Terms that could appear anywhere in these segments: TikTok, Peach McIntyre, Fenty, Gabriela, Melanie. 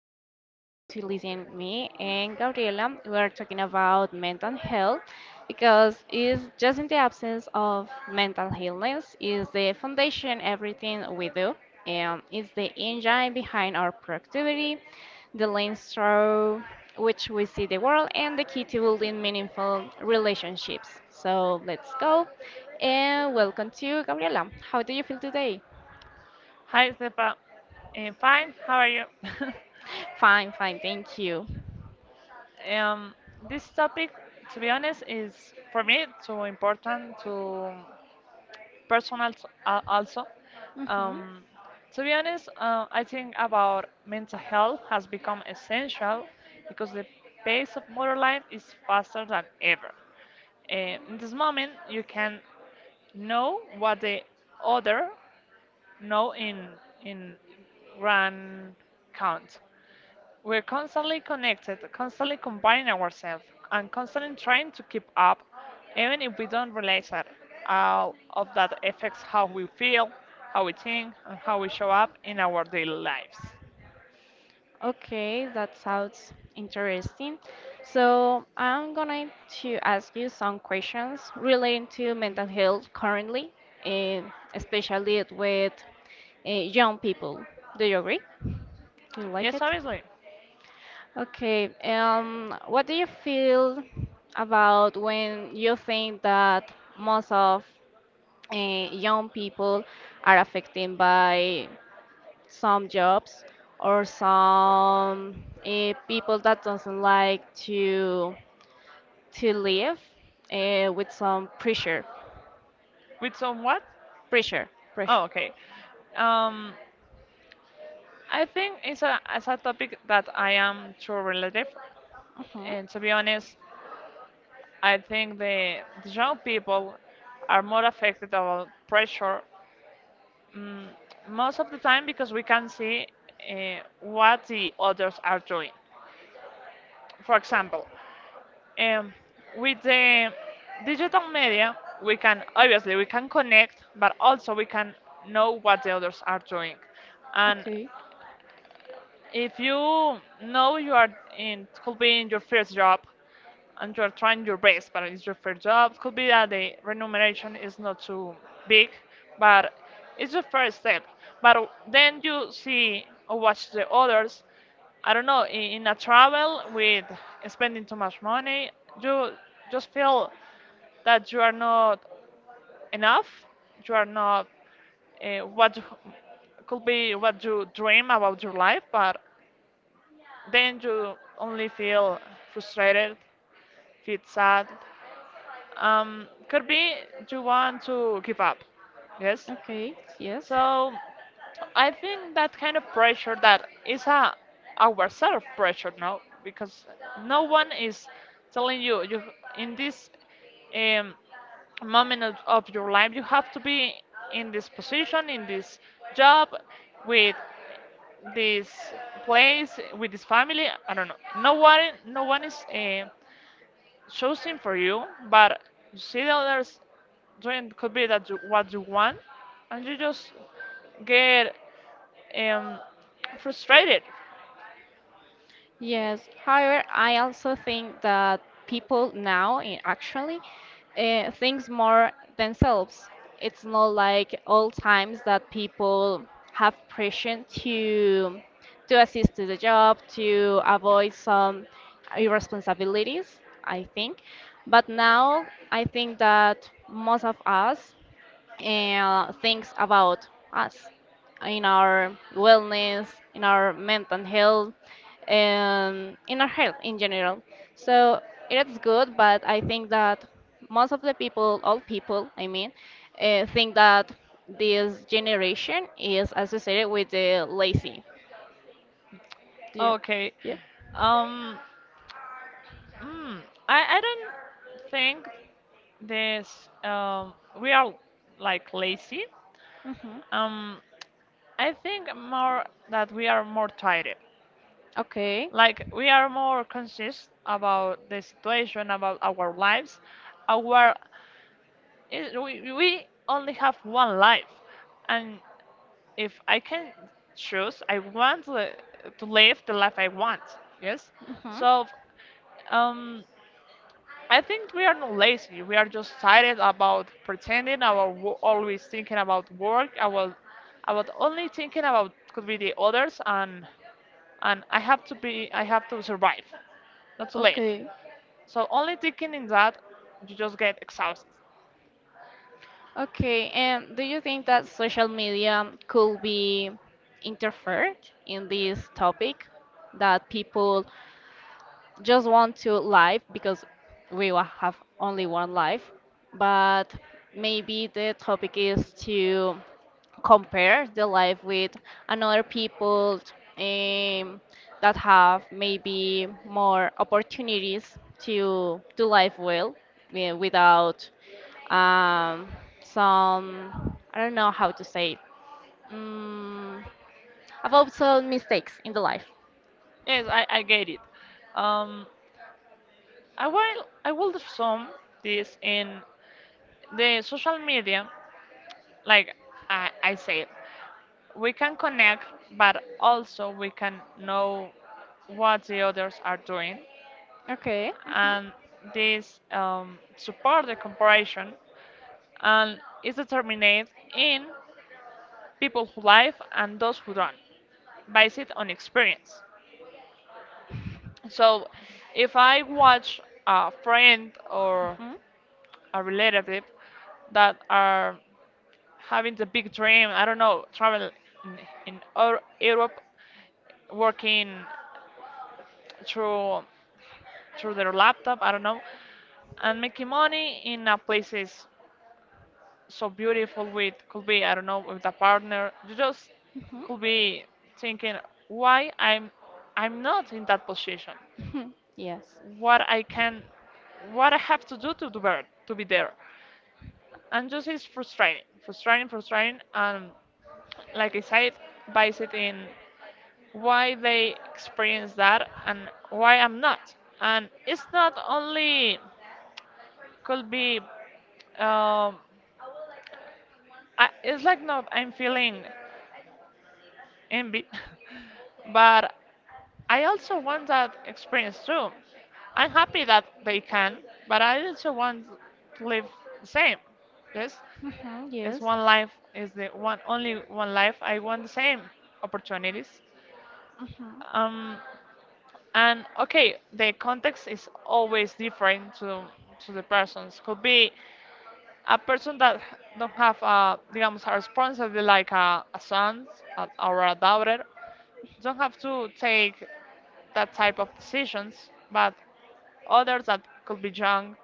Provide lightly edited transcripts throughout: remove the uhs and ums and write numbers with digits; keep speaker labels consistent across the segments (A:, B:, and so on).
A: you are going to listen me and Gabriela. We are talking about mental health because it's just in the absence of mental illness is the foundation everything we do. It's the engine behind our productivity, the lens through which we see the world, and the key to building meaningful relationships. So let's go and welcome to Gabriela. How do you feel today?
B: Hi, Stepa. Fine. How are you?
A: Fine, fine, thank you.
B: um, this topic, to be honest, is for me too important, too personal also.
A: Hmm.
B: Um, to be honest, I think about mental health has become essential because the pace of modern life is faster than ever. In this moment, you can know what the other know in grand count. We're constantly connected, constantly comparing ourselves, and constantly trying to keep up, even if we don't realize it. All of that affects how we feel, how we think, and how we show up in our daily lives.
A: Okay, that sounds interesting. So I'm going to ask you some questions relating to mental health currently, and especially with young people. Do you agree? Do you like
B: Yes,
A: it?
B: obviously.
A: Okay, what do you feel about when you think that most of young people are affected by some jobs or some people that doesn't like to live with some pressure
B: With somewhat.
A: pressure pressure.
B: Oh, okay. Um, I think it's a topic that I am too relative.
A: Mhm.
B: And to be honest, I think the young people are more affected about pressure. Mm, most of the time because we can see what the others are doing. For example, um, with the digital media, we can obviously we can connect, but also we can know what the others are doing. And
A: okay
B: if you know you are in could be in your first job, and you are trying your best, but it's your first job. Could be that the remuneration is not too big, but it's the first step. But then you see or watch the others. I don't know, in a travel with spending too much money, you just feel that you are not enough. You are not what could be what you dream about your life, but then you only feel frustrated, feel sad, could be you want to give up. Yes.
A: okay yes
B: So I think that kind of pressure that is a ourself pressure now because no one is telling you you in this um, moment of your life you have to be in this position in this job with this place with this family. I don't know, no one, no one is choosing for you, but you see the others doing could be that you, what you want, and you just get um, frustrated.
A: Yes. However, I also think that people now actually thinks more themselves. It's not like old times that people have pressure to assist to the job, to avoid some irresponsibilities, I think. But now I think that most of us things about us in our wellness, in our mental health, and in our health in general. So it is good, but I think that most of the people, all people, I mean, think that this generation is associated with the lazy. Do you?
B: Okay.
A: Yeah.
B: Um, mm, I don't think this, um, we are like lazy.
A: Hmm.
B: Um, I think more that we are more tired.
A: Okay.
B: Like we are more conscious about the situation, about our lives, our. We only have one life, and if I can choose, I want to live the life I want. Yes. So, um, I think we are not lazy. We are just tired about pretending. Our always thinking about work. About only thinking about could be the others, and I have to be. I have to survive, not to live.
A: Okay.
B: So only thinking in that, you just get exhausted.
A: Okay, and do you think that social media could be interfered in this topic? That people just want to live because we will have only one life, but maybe the topic is to compare the life with another people um, that have maybe more opportunities to do life well without um, some I don't know how to say it. Mm, about some mistakes in the life.
B: Yes, I get it. Um, I will sum this in the social media, like I said, we can connect, but also we can know what the others are doing,
A: Okay. Mhm.
B: and this support the comparison, and is determined in people who live and those who don't, based on experience. So, if I watch a friend or
A: Mhm,
B: a relative that are having the big dream. I don't know, travel in, in Europe, working through through their laptop. I don't know, and making money in a places so beautiful. With could be I don't know with a partner. You just
A: mhm.
B: could be thinking why I'm not in that position.
A: Mhm, yes.
B: What I can, what I have to do better, to be there. And just it's frustrating, frustrating, frustrating, and like I decide by in why they experience that and why I'm not. And it's not only could be um it's like not I'm feeling envy, but I also want that experience too. I'm happy that they can, but I also want to live the same. Yes,
A: Mhm,
B: it's
A: yes.
B: one life is the one only one life. I want the same opportunities.
A: Mhm.
B: Um, And okay, the context is always different to the persons. Could be a person that don't have digamos, a responsibility like a son or a daughter, don't have to take that type of decisions, but others that could be young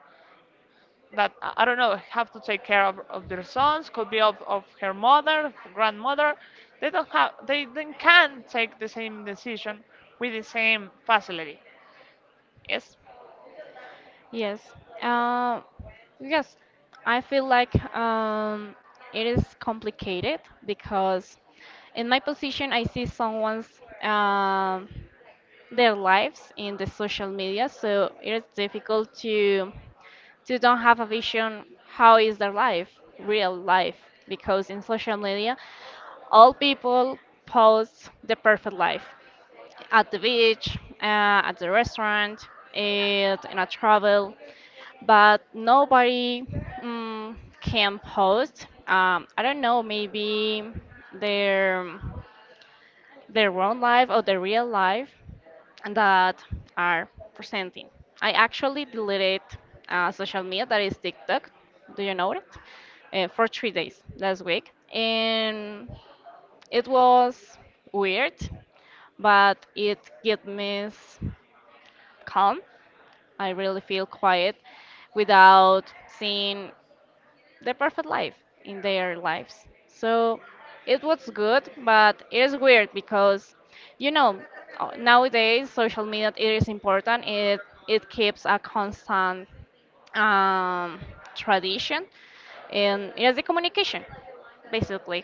B: that I don't know have to take care of their sons could be of her mother grandmother, they don't have they then can take the same decision with the same facility. Yes.
A: Yes. Um, yes. I feel like it is complicated because in my position, I see someone's their lives in the social media, so it's difficult to don't have a vision how is their life, real life, because in social media all people post the perfect life at the beach, at the restaurant, and in a travel. But nobody, mm, can post I don't know, maybe their their own life or their real life that are presenting. I actually deleted social media that is TikTok. Do you know it? For 3 days last week, and it was weird, but it gave me calm. I really feel quiet without seeing the perfect life in their lives. So it was good, but it is weird because, you know, nowadays social media it is important. It keeps a constant um, tradition, and it is a communication, basically.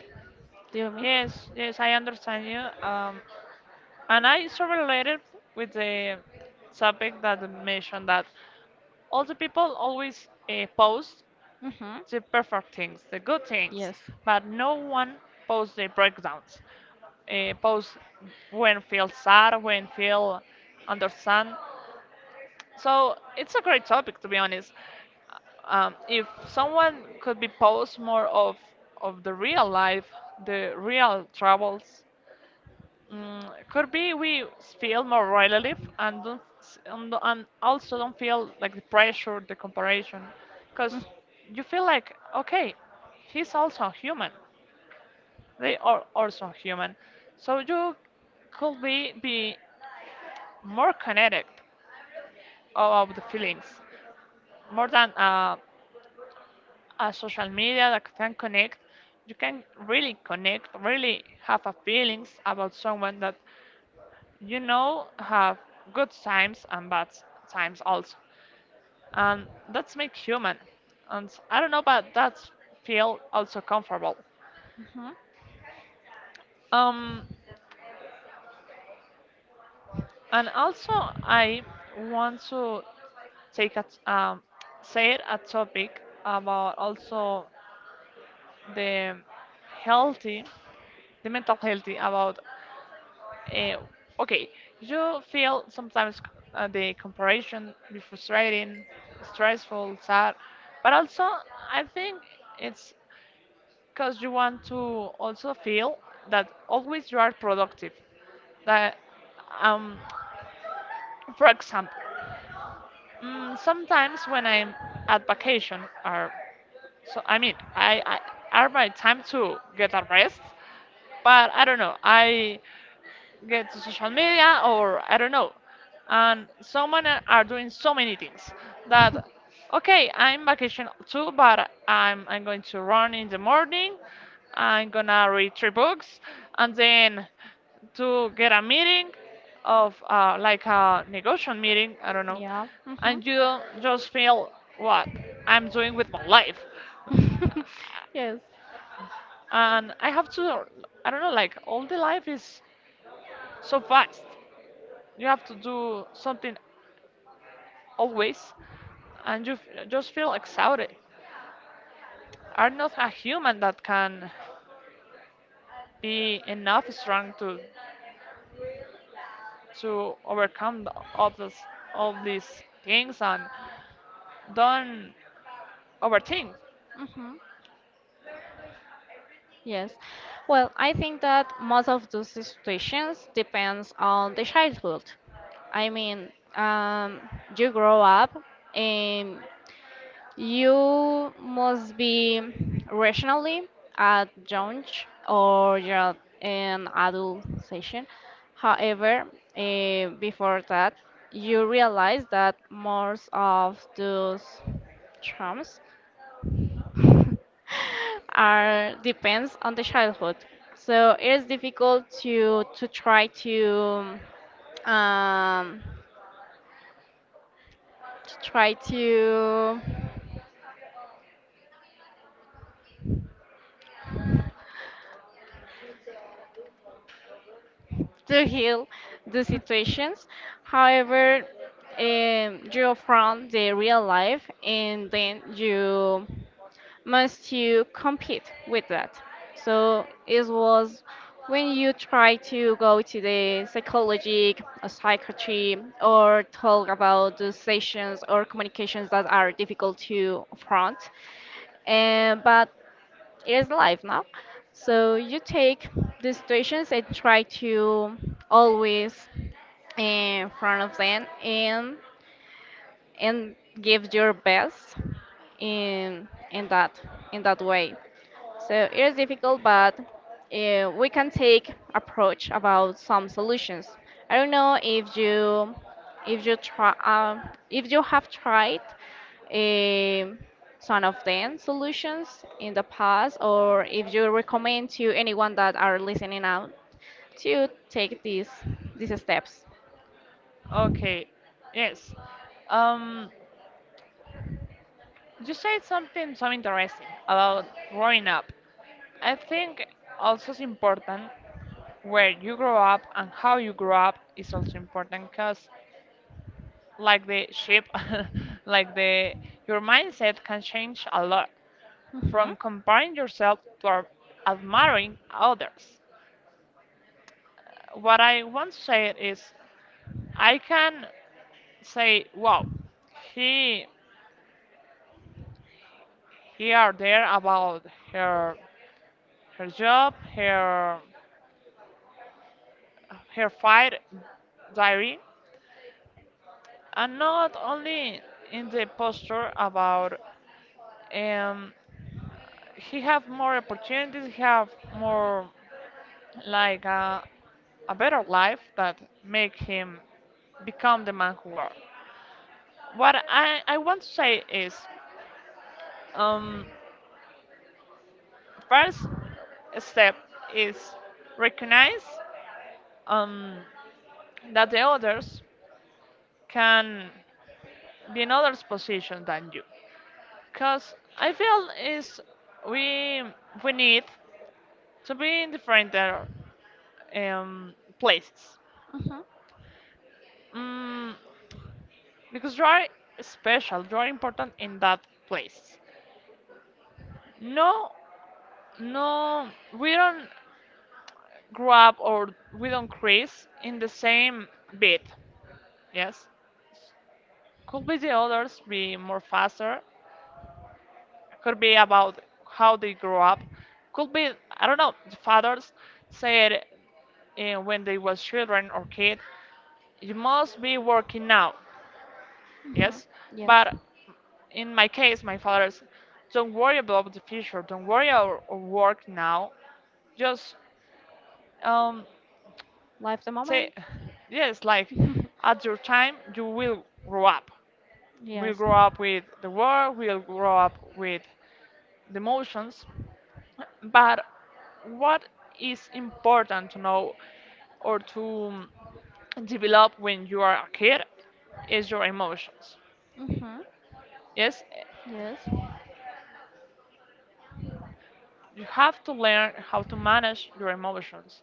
A: Do you mean?
B: Yes, yes, I understand you. And I so related with the topic that you mentioned that all the people always post
A: Mm-hmm.
B: the perfect things, the good things,
A: Yes.
B: but no one posts the breakdowns. Post when feel sad, when feel understand. So it's a great topic to be honest. If someone could be post more of the real life, the real troubles. Mm, could be we feel more relative and don't do and also don't feel like the pressure, the comparison, because you feel like okay, he's also human. They are also human, so you could be more connected about the feelings more than a social media that can connect. You can really connect, really have a feelings about someone that you know, have good times and bad times also. And that's make human. And I don't know, but that's feel also comfortable.
A: Mm-hmm.
B: Um, and also I want to take a um, say it a topic about also the healthy, the mental healthy about. Uh, okay, you feel sometimes the comparison be frustrating, stressful, sad, but also I think it's because you want to also feel that always you are productive. That, um, for example, mm, sometimes when I'm at vacation, or so I mean, I are my time to get a rest, but I don't know, I get to social media or I don't know. And so many are doing so many things that okay, I'm vacation too, but I'm going to run in the morning. I'm gonna read three books and then to get a meeting of like a negotiation meeting, I don't know,
A: Yeah. Mhm.
B: and you just feel what I'm doing with my life.
A: Yes.
B: And I have to, I don't know, like all the life is so fast. You have to do something always, and you just feel exhausted. Are not a human that can be enough strong to overcome all those all these things and don't overthink.
A: Mhm. Yes. Well, I think that most of those situations depends on the childhood. I mean, you grow up, and you must be rationally at young or you're an adult session. However, before that, you realize that most of those charms are depends on the childhood. So it is difficult to try to heal the situations. However, you're the real life, and then you must you compete with that. So it was when you try to go to the psychology, or psychiatry, or talk about the sessions or communications that are difficult to front. And but it is life now. So you take the situations and try to always in front of them and give your best in in that in that way. So it is difficult, but we can take approach about some solutions. I don't know if you have tried um some of them solutions in the past, or if you recommend to anyone that are listening out to take these steps.
B: Okay, yes. Um, you said something so interesting about growing up. I think also it's important where you grow up and how you grow up is also important because like the ship, like the your mindset can change a lot
A: Mhm.
B: from comparing yourself to admiring others. What I want to say is I can say, wow, he he are there about her her job, her her fight diary, and not only in the posture about um, he have more opportunities, he have more like a better life that make him become the man who are. What I want to say is, um, first step is recognize um, that the others can be in others position than you. Because I feel is we we need to be in different um, places.
A: Mhm.
B: Mm, because you are special, you are important in that place. No no we don't grow up or we don't crease in the same beat. Yes, could be the others be more faster, could be about how they grow up, could be I don't know the fathers said, when they was children or kid, you must be working now.
A: Mhm.
B: Yes.
A: Yes.
B: But in my case, my father's, don't worry about the future, don't worry about work now, just um
A: Live the
B: say
A: moment.
B: yes like at your time you will grow up, will
A: Yes.
B: grow up with the world, will grow up with the emotions. But what is important to know or to develop when you are a kid is your emotions.
A: Mm-hmm.
B: Yes.
A: Yes.
B: You have to learn how to manage your emotions,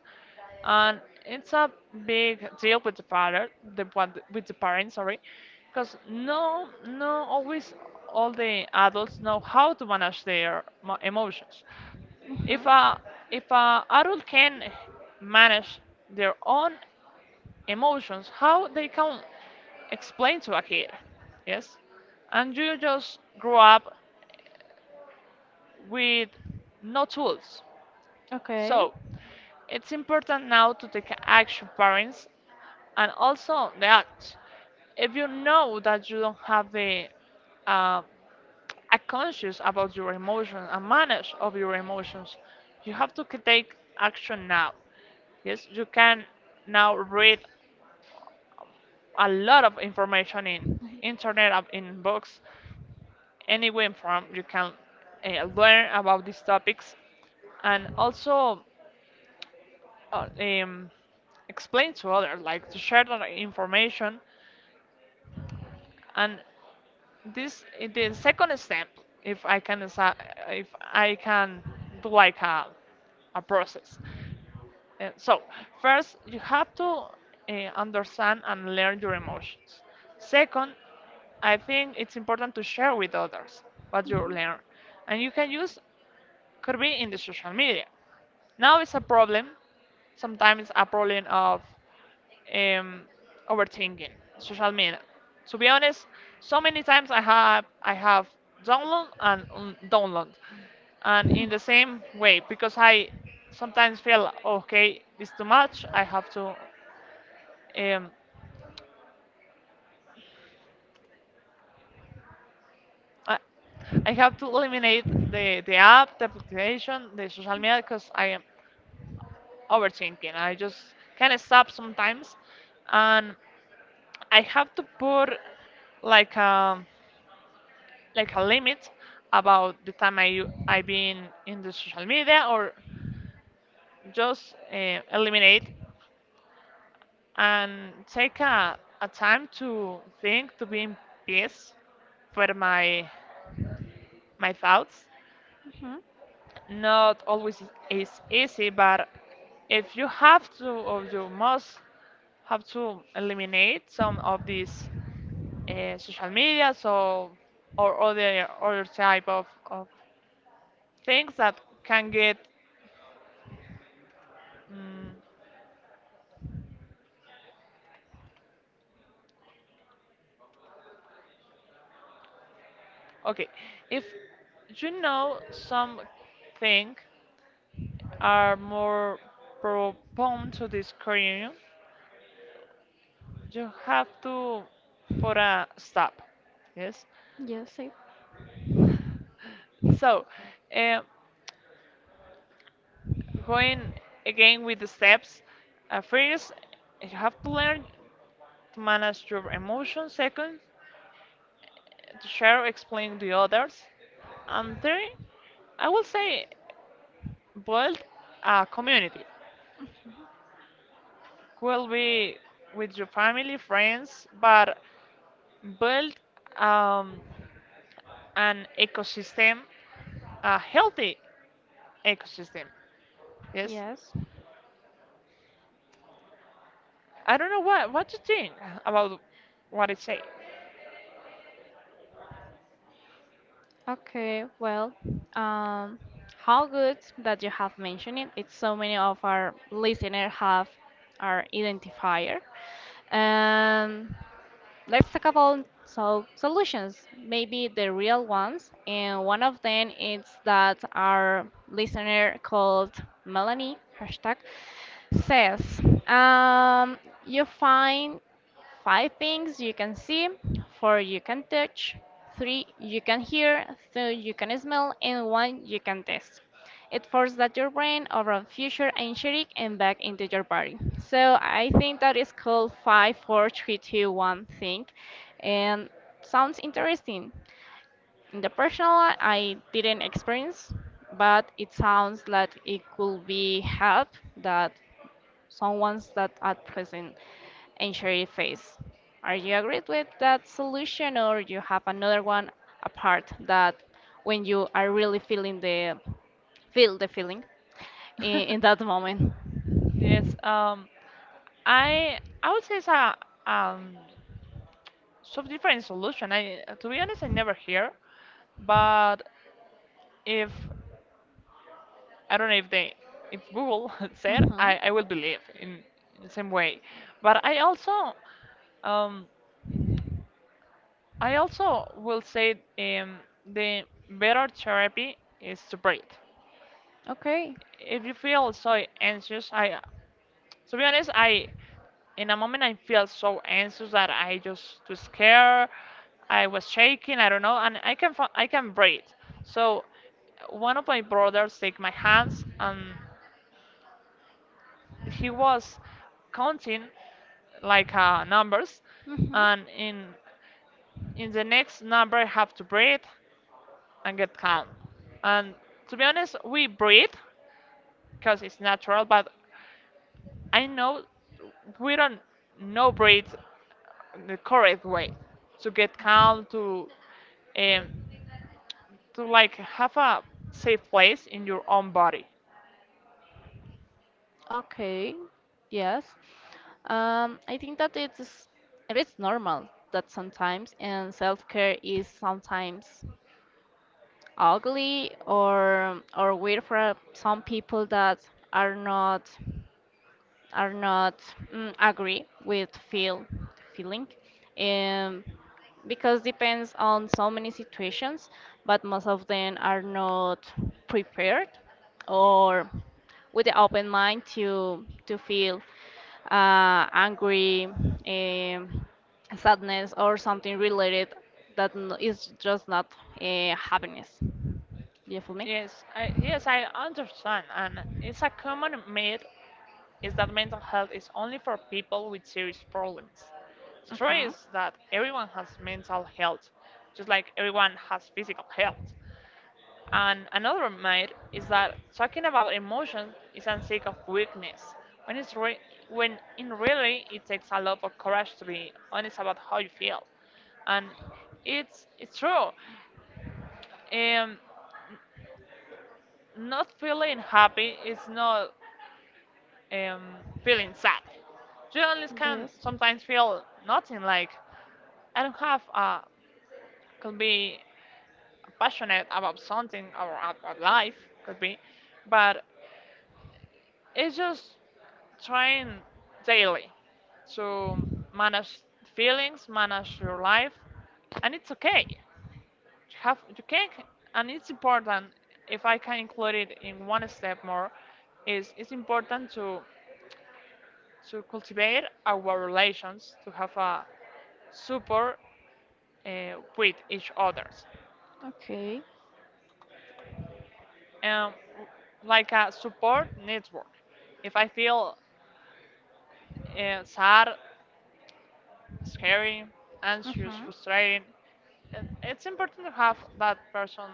B: and it's a big deal with the father, the one with the parents sorry, because no, always all the adults know how to manage their emotions. If
A: Mm-hmm.
B: a if a adult can manage their own emotions, how they can explain to a kid? Yes. And you just grow up with no tools.
A: Okay.
B: So it's important now to take action, parents, and also the acts. If you know that you don't have the uh, a conscious about your emotions, and manage of your emotions, you have to take action now. Yes, you can now read a lot of information in internet, in books, any way form you can learn about these topics, and also uh, um, explain to others, like to share that information. And this the second step, if I can, desi- if I can do like a process. So first, you have to understand and learn your emotions. Second, I think it's important to share with others what you learn, and you can use could be in the social media. Now it's a problem. Sometimes a problem of um, overthinking social media. To be honest, so many times I have download and download, and in the same way because I sometimes feel okay, this too much. I have to um, I, I have to eliminate the app, the application, the social media because I am overthinking. I just can't stop sometimes, and I have to put like a. like a limit about the time I've been in the social media or just eliminate and take a time to think to be in peace for my thoughts.
A: Mm-hmm.
B: Not always is easy, but if you have to or you must have to eliminate some of these social media so or other type of things that can get mm. Okay, if you know some thing are more prone to this cranium, you have to put a stop. Yes.
A: Yes, safe.
B: So, um, going again with the steps. First, you have to learn to manage your emotions. Second, to share, explain to others. And third, I will say build a community. Could be with your family, friends, but build um, an ecosystem, a healthy ecosystem. Yes,
A: Yes.
B: I don't know what you think about what I say.
A: Okay, well, um, how good that you have mentioned it. It's so many of our listeners have our identifier. Um, Let's talk about so solutions, maybe the real ones. And one of them is that our listener called Melanie hashtag says, um, you find five things you can see, four you can touch, three you can hear, two you can smell, and one you can taste. It forces that your brain around future anxiety and back into your body. So I think that is called five, four, three, two, one thing, and sounds interesting. In the personal, one, I didn't experience, but it sounds like it could be help that some ones that at present injury face. Are you agreed with that solution or you have another one apart that when you are really feeling the feeling in that moment?
B: yes, I would say it's a um, some different solution. I to be honest, I never hear, but if I don't know if they, if Google said,
A: Mhm.
B: I will believe in the same way. But um, I also will say the better therapy is to breathe.
A: Okay.
B: If you feel so anxious, to be honest, in a moment I feel so anxious that I just was scared. I was shaking. I don't know, and I can I can breathe. So one of my brothers take my hands and he was counting like numbers,
A: Mhm.
B: and in the next number I have to breathe and get calm. And to be honest, we breathe because it's natural, but I know we don't know breathe the correct way to get calm um, to like have a safe place in your own body.
A: Okay, yes. I think that it is normal that sometimes and self-care is sometimes ugly or weird for some people that are not are not agree with feeling, um, because depends on so many situations, but most of them are not prepared or with the open mind to feel angry, um, sadness, or something related that is just not happiness. Do you feel me?
B: Yes I understand, and it's a common myth is that mental health is only for people with serious problems. The truth
A: Uh-huh.
B: is that everyone has mental health, just like everyone has physical health. And another myth is that talking about emotions is a sign of weakness, when, it's re- when in really it takes a lot of courage to be honest about how you feel. And it's true. Um, Not feeling happy is not um, feeling sad. Journalists can
A: Yes.
B: sometimes feel nothing like I don't have could be passionate about something or about life could be, but it's just trying daily to manage feelings, manage your life, and it's okay. You can and it's important if I can include it in one step more is it's important to cultivate our relations to have a support with each others
A: Okay.
B: and like a support network if I feel sad, scary, anxious,
A: Uh-huh.
B: frustrated, and it's important to have that person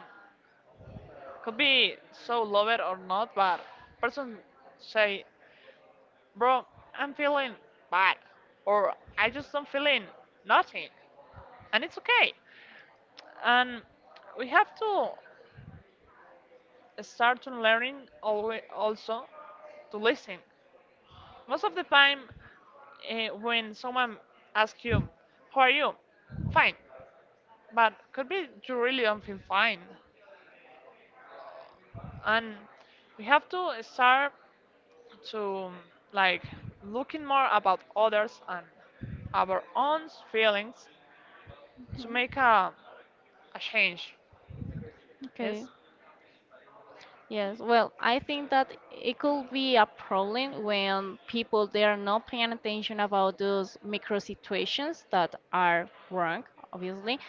B: could be so loved or not but person say bro I'm feeling bad or I just don't feeling nothing and it's okay and we have to start to learning always also to listen. Most of the time, when someone asks you, "How are you?" Fine, but could be you really don't feel fine, and we have to start to like looking more about others and our own feelings to make a change.
A: Okay.
B: Yes.
A: Yes, well, I think that it could be a problem when people they are not paying attention about those micro situations that are wrong, obviously,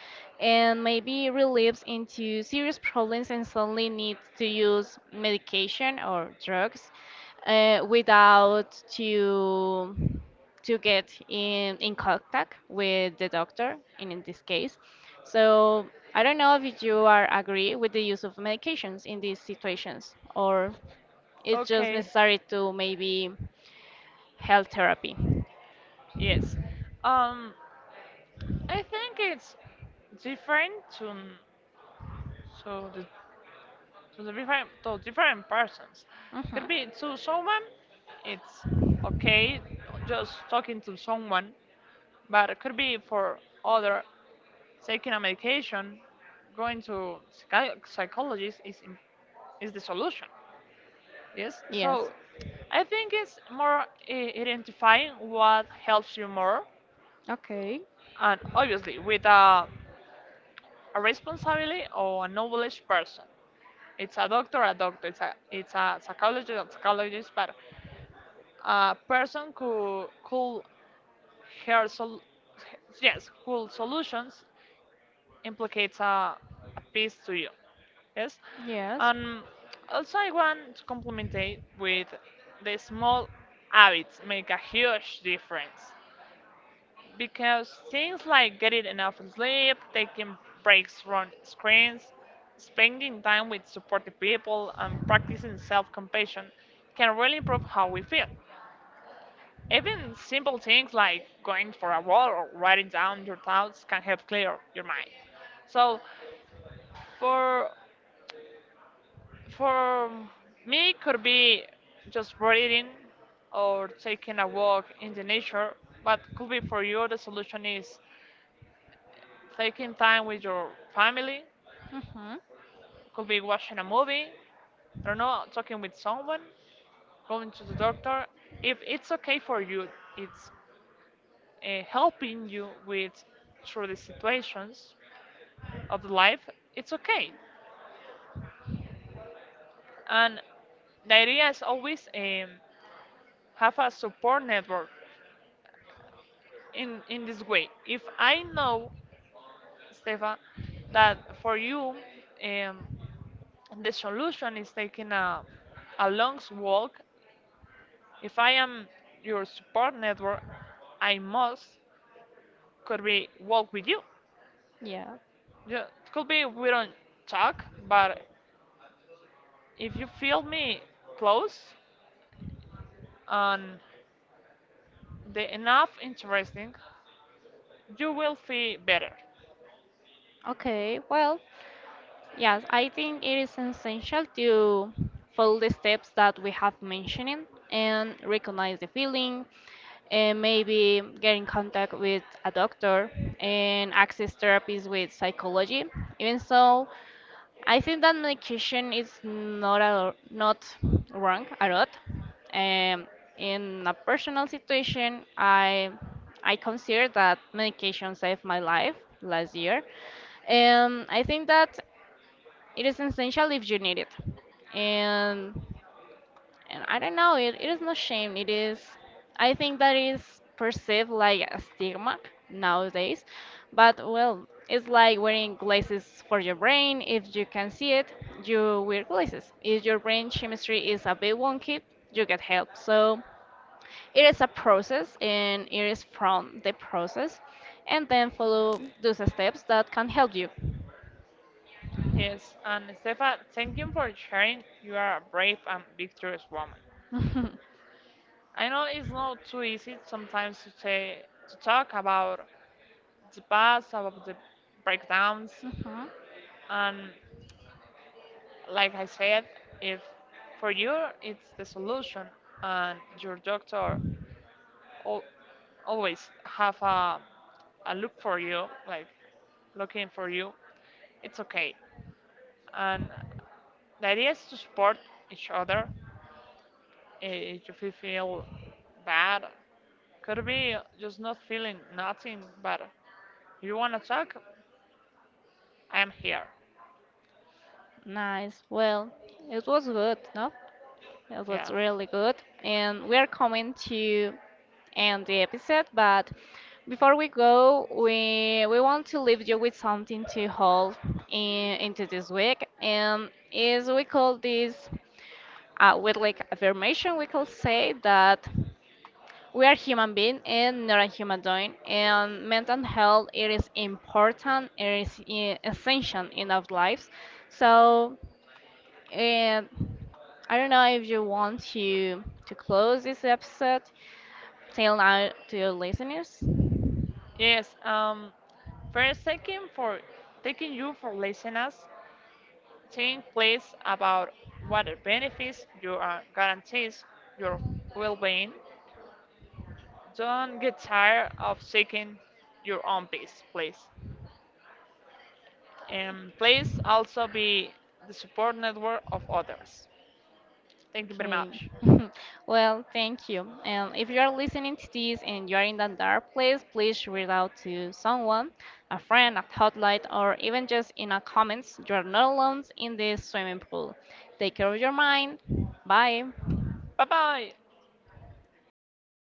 A: and maybe relapse into serious problems and suddenly need to use medication or drugs without to get in contact with the doctor in this case. So I don't know if you are agree with the use of medications in these situations, or it's just
B: Okay.
A: necessary to maybe health therapy.
B: Yes. Um, I think it's different to to the to the different to different persons.
A: Hmm.
B: Could be to someone, it's okay just talking to someone, but it could be for other taking a medication, going to psychologist is the solution. Yes,
A: Yes.
B: so I think it's more identifying what helps you more,
A: Okay.
B: and obviously with a responsibility or a knowledge person. A doctor. It's a psychologist, a psychologist. But a person who her sol- yes who solutions implicates a piece to you, yes,
A: Yes.
B: and also I want to complement it with the small habits make a huge difference because things like getting enough sleep, taking breaks from screens, spending time with supportive people, and practicing self-compassion can really improve how we feel. Even simple things like going for a walk or writing down your thoughts can help clear your mind. So for for me it could be just reading or taking a walk in the nature, but could be for you the solution is taking time with your family,
A: Mm-hmm.
B: could be watching a movie, I don't know, talking with someone, going to the doctor. If it's okay for you, it's helping you with through the situations of the life, it's okay. And the idea is always have a support network in this way. If I know, Stefan, that for you um, the solution is taking a long walk, if I am your support network, I must could be walk with you.
A: Yeah.
B: Yeah, could be we don't talk, but if you feel me close and the enough interesting, you will feel better.
A: Okay. Well, yes, I think it is essential to follow the steps that we have mentioned and recognize the feeling and maybe get in contact with a doctor and access therapies with psychology. Even so, I think that medication is not a, not wrong a lot. Um, in a personal situation, I consider that medication saved my life last year. And I think that it is essential if you need it, and and I don't know, it is not shame, it is I think that is perceived like a stigma nowadays. But well, it's like wearing glasses for your brain. If you can see it, you wear glasses. If your brain chemistry is a bit wonky, you get help. So it is a process and it is from the process and then follow those steps that can help you.
B: Yes, and Stefa, thank you for sharing. You are a brave and victorious woman. I know it's not too easy sometimes to say to talk about the past, about the breakdowns,
A: Hmm.
B: and like I said, if for you it's the solution, and your doctor al- always have a look for you, like looking for you, it's okay. And the idea is to support each other, eh, if you feel bad. Could be just not feeling nothing, but if you want to talk, I am here.
A: Nice. Well, it was good, no? It was
B: Yeah.
A: really good. And we are coming to end the episode, but before we go, we want to leave you with something to hold into this week. And is we call this a weekly affirmation. We can say that. We are human being and not a human doing, and mental health it is important, it is essential in our lives. So, and I don't know if you want to close this episode, tell out to your listeners.
B: Yes. First, thanking for taking you for listeners. Think please about what the benefits you are guarantees your well-being. Don't get tired of seeking your own peace, please. And please also be the support network of others. Thank you very
A: Okay.
B: much.
A: Well, thank you. And if you are listening to this and you are in that dark place, please reach out to someone, a friend, a hotline, or even just in a comments. You are not alone in this swimming pool. Take care of your mind. Bye.
B: Bye bye.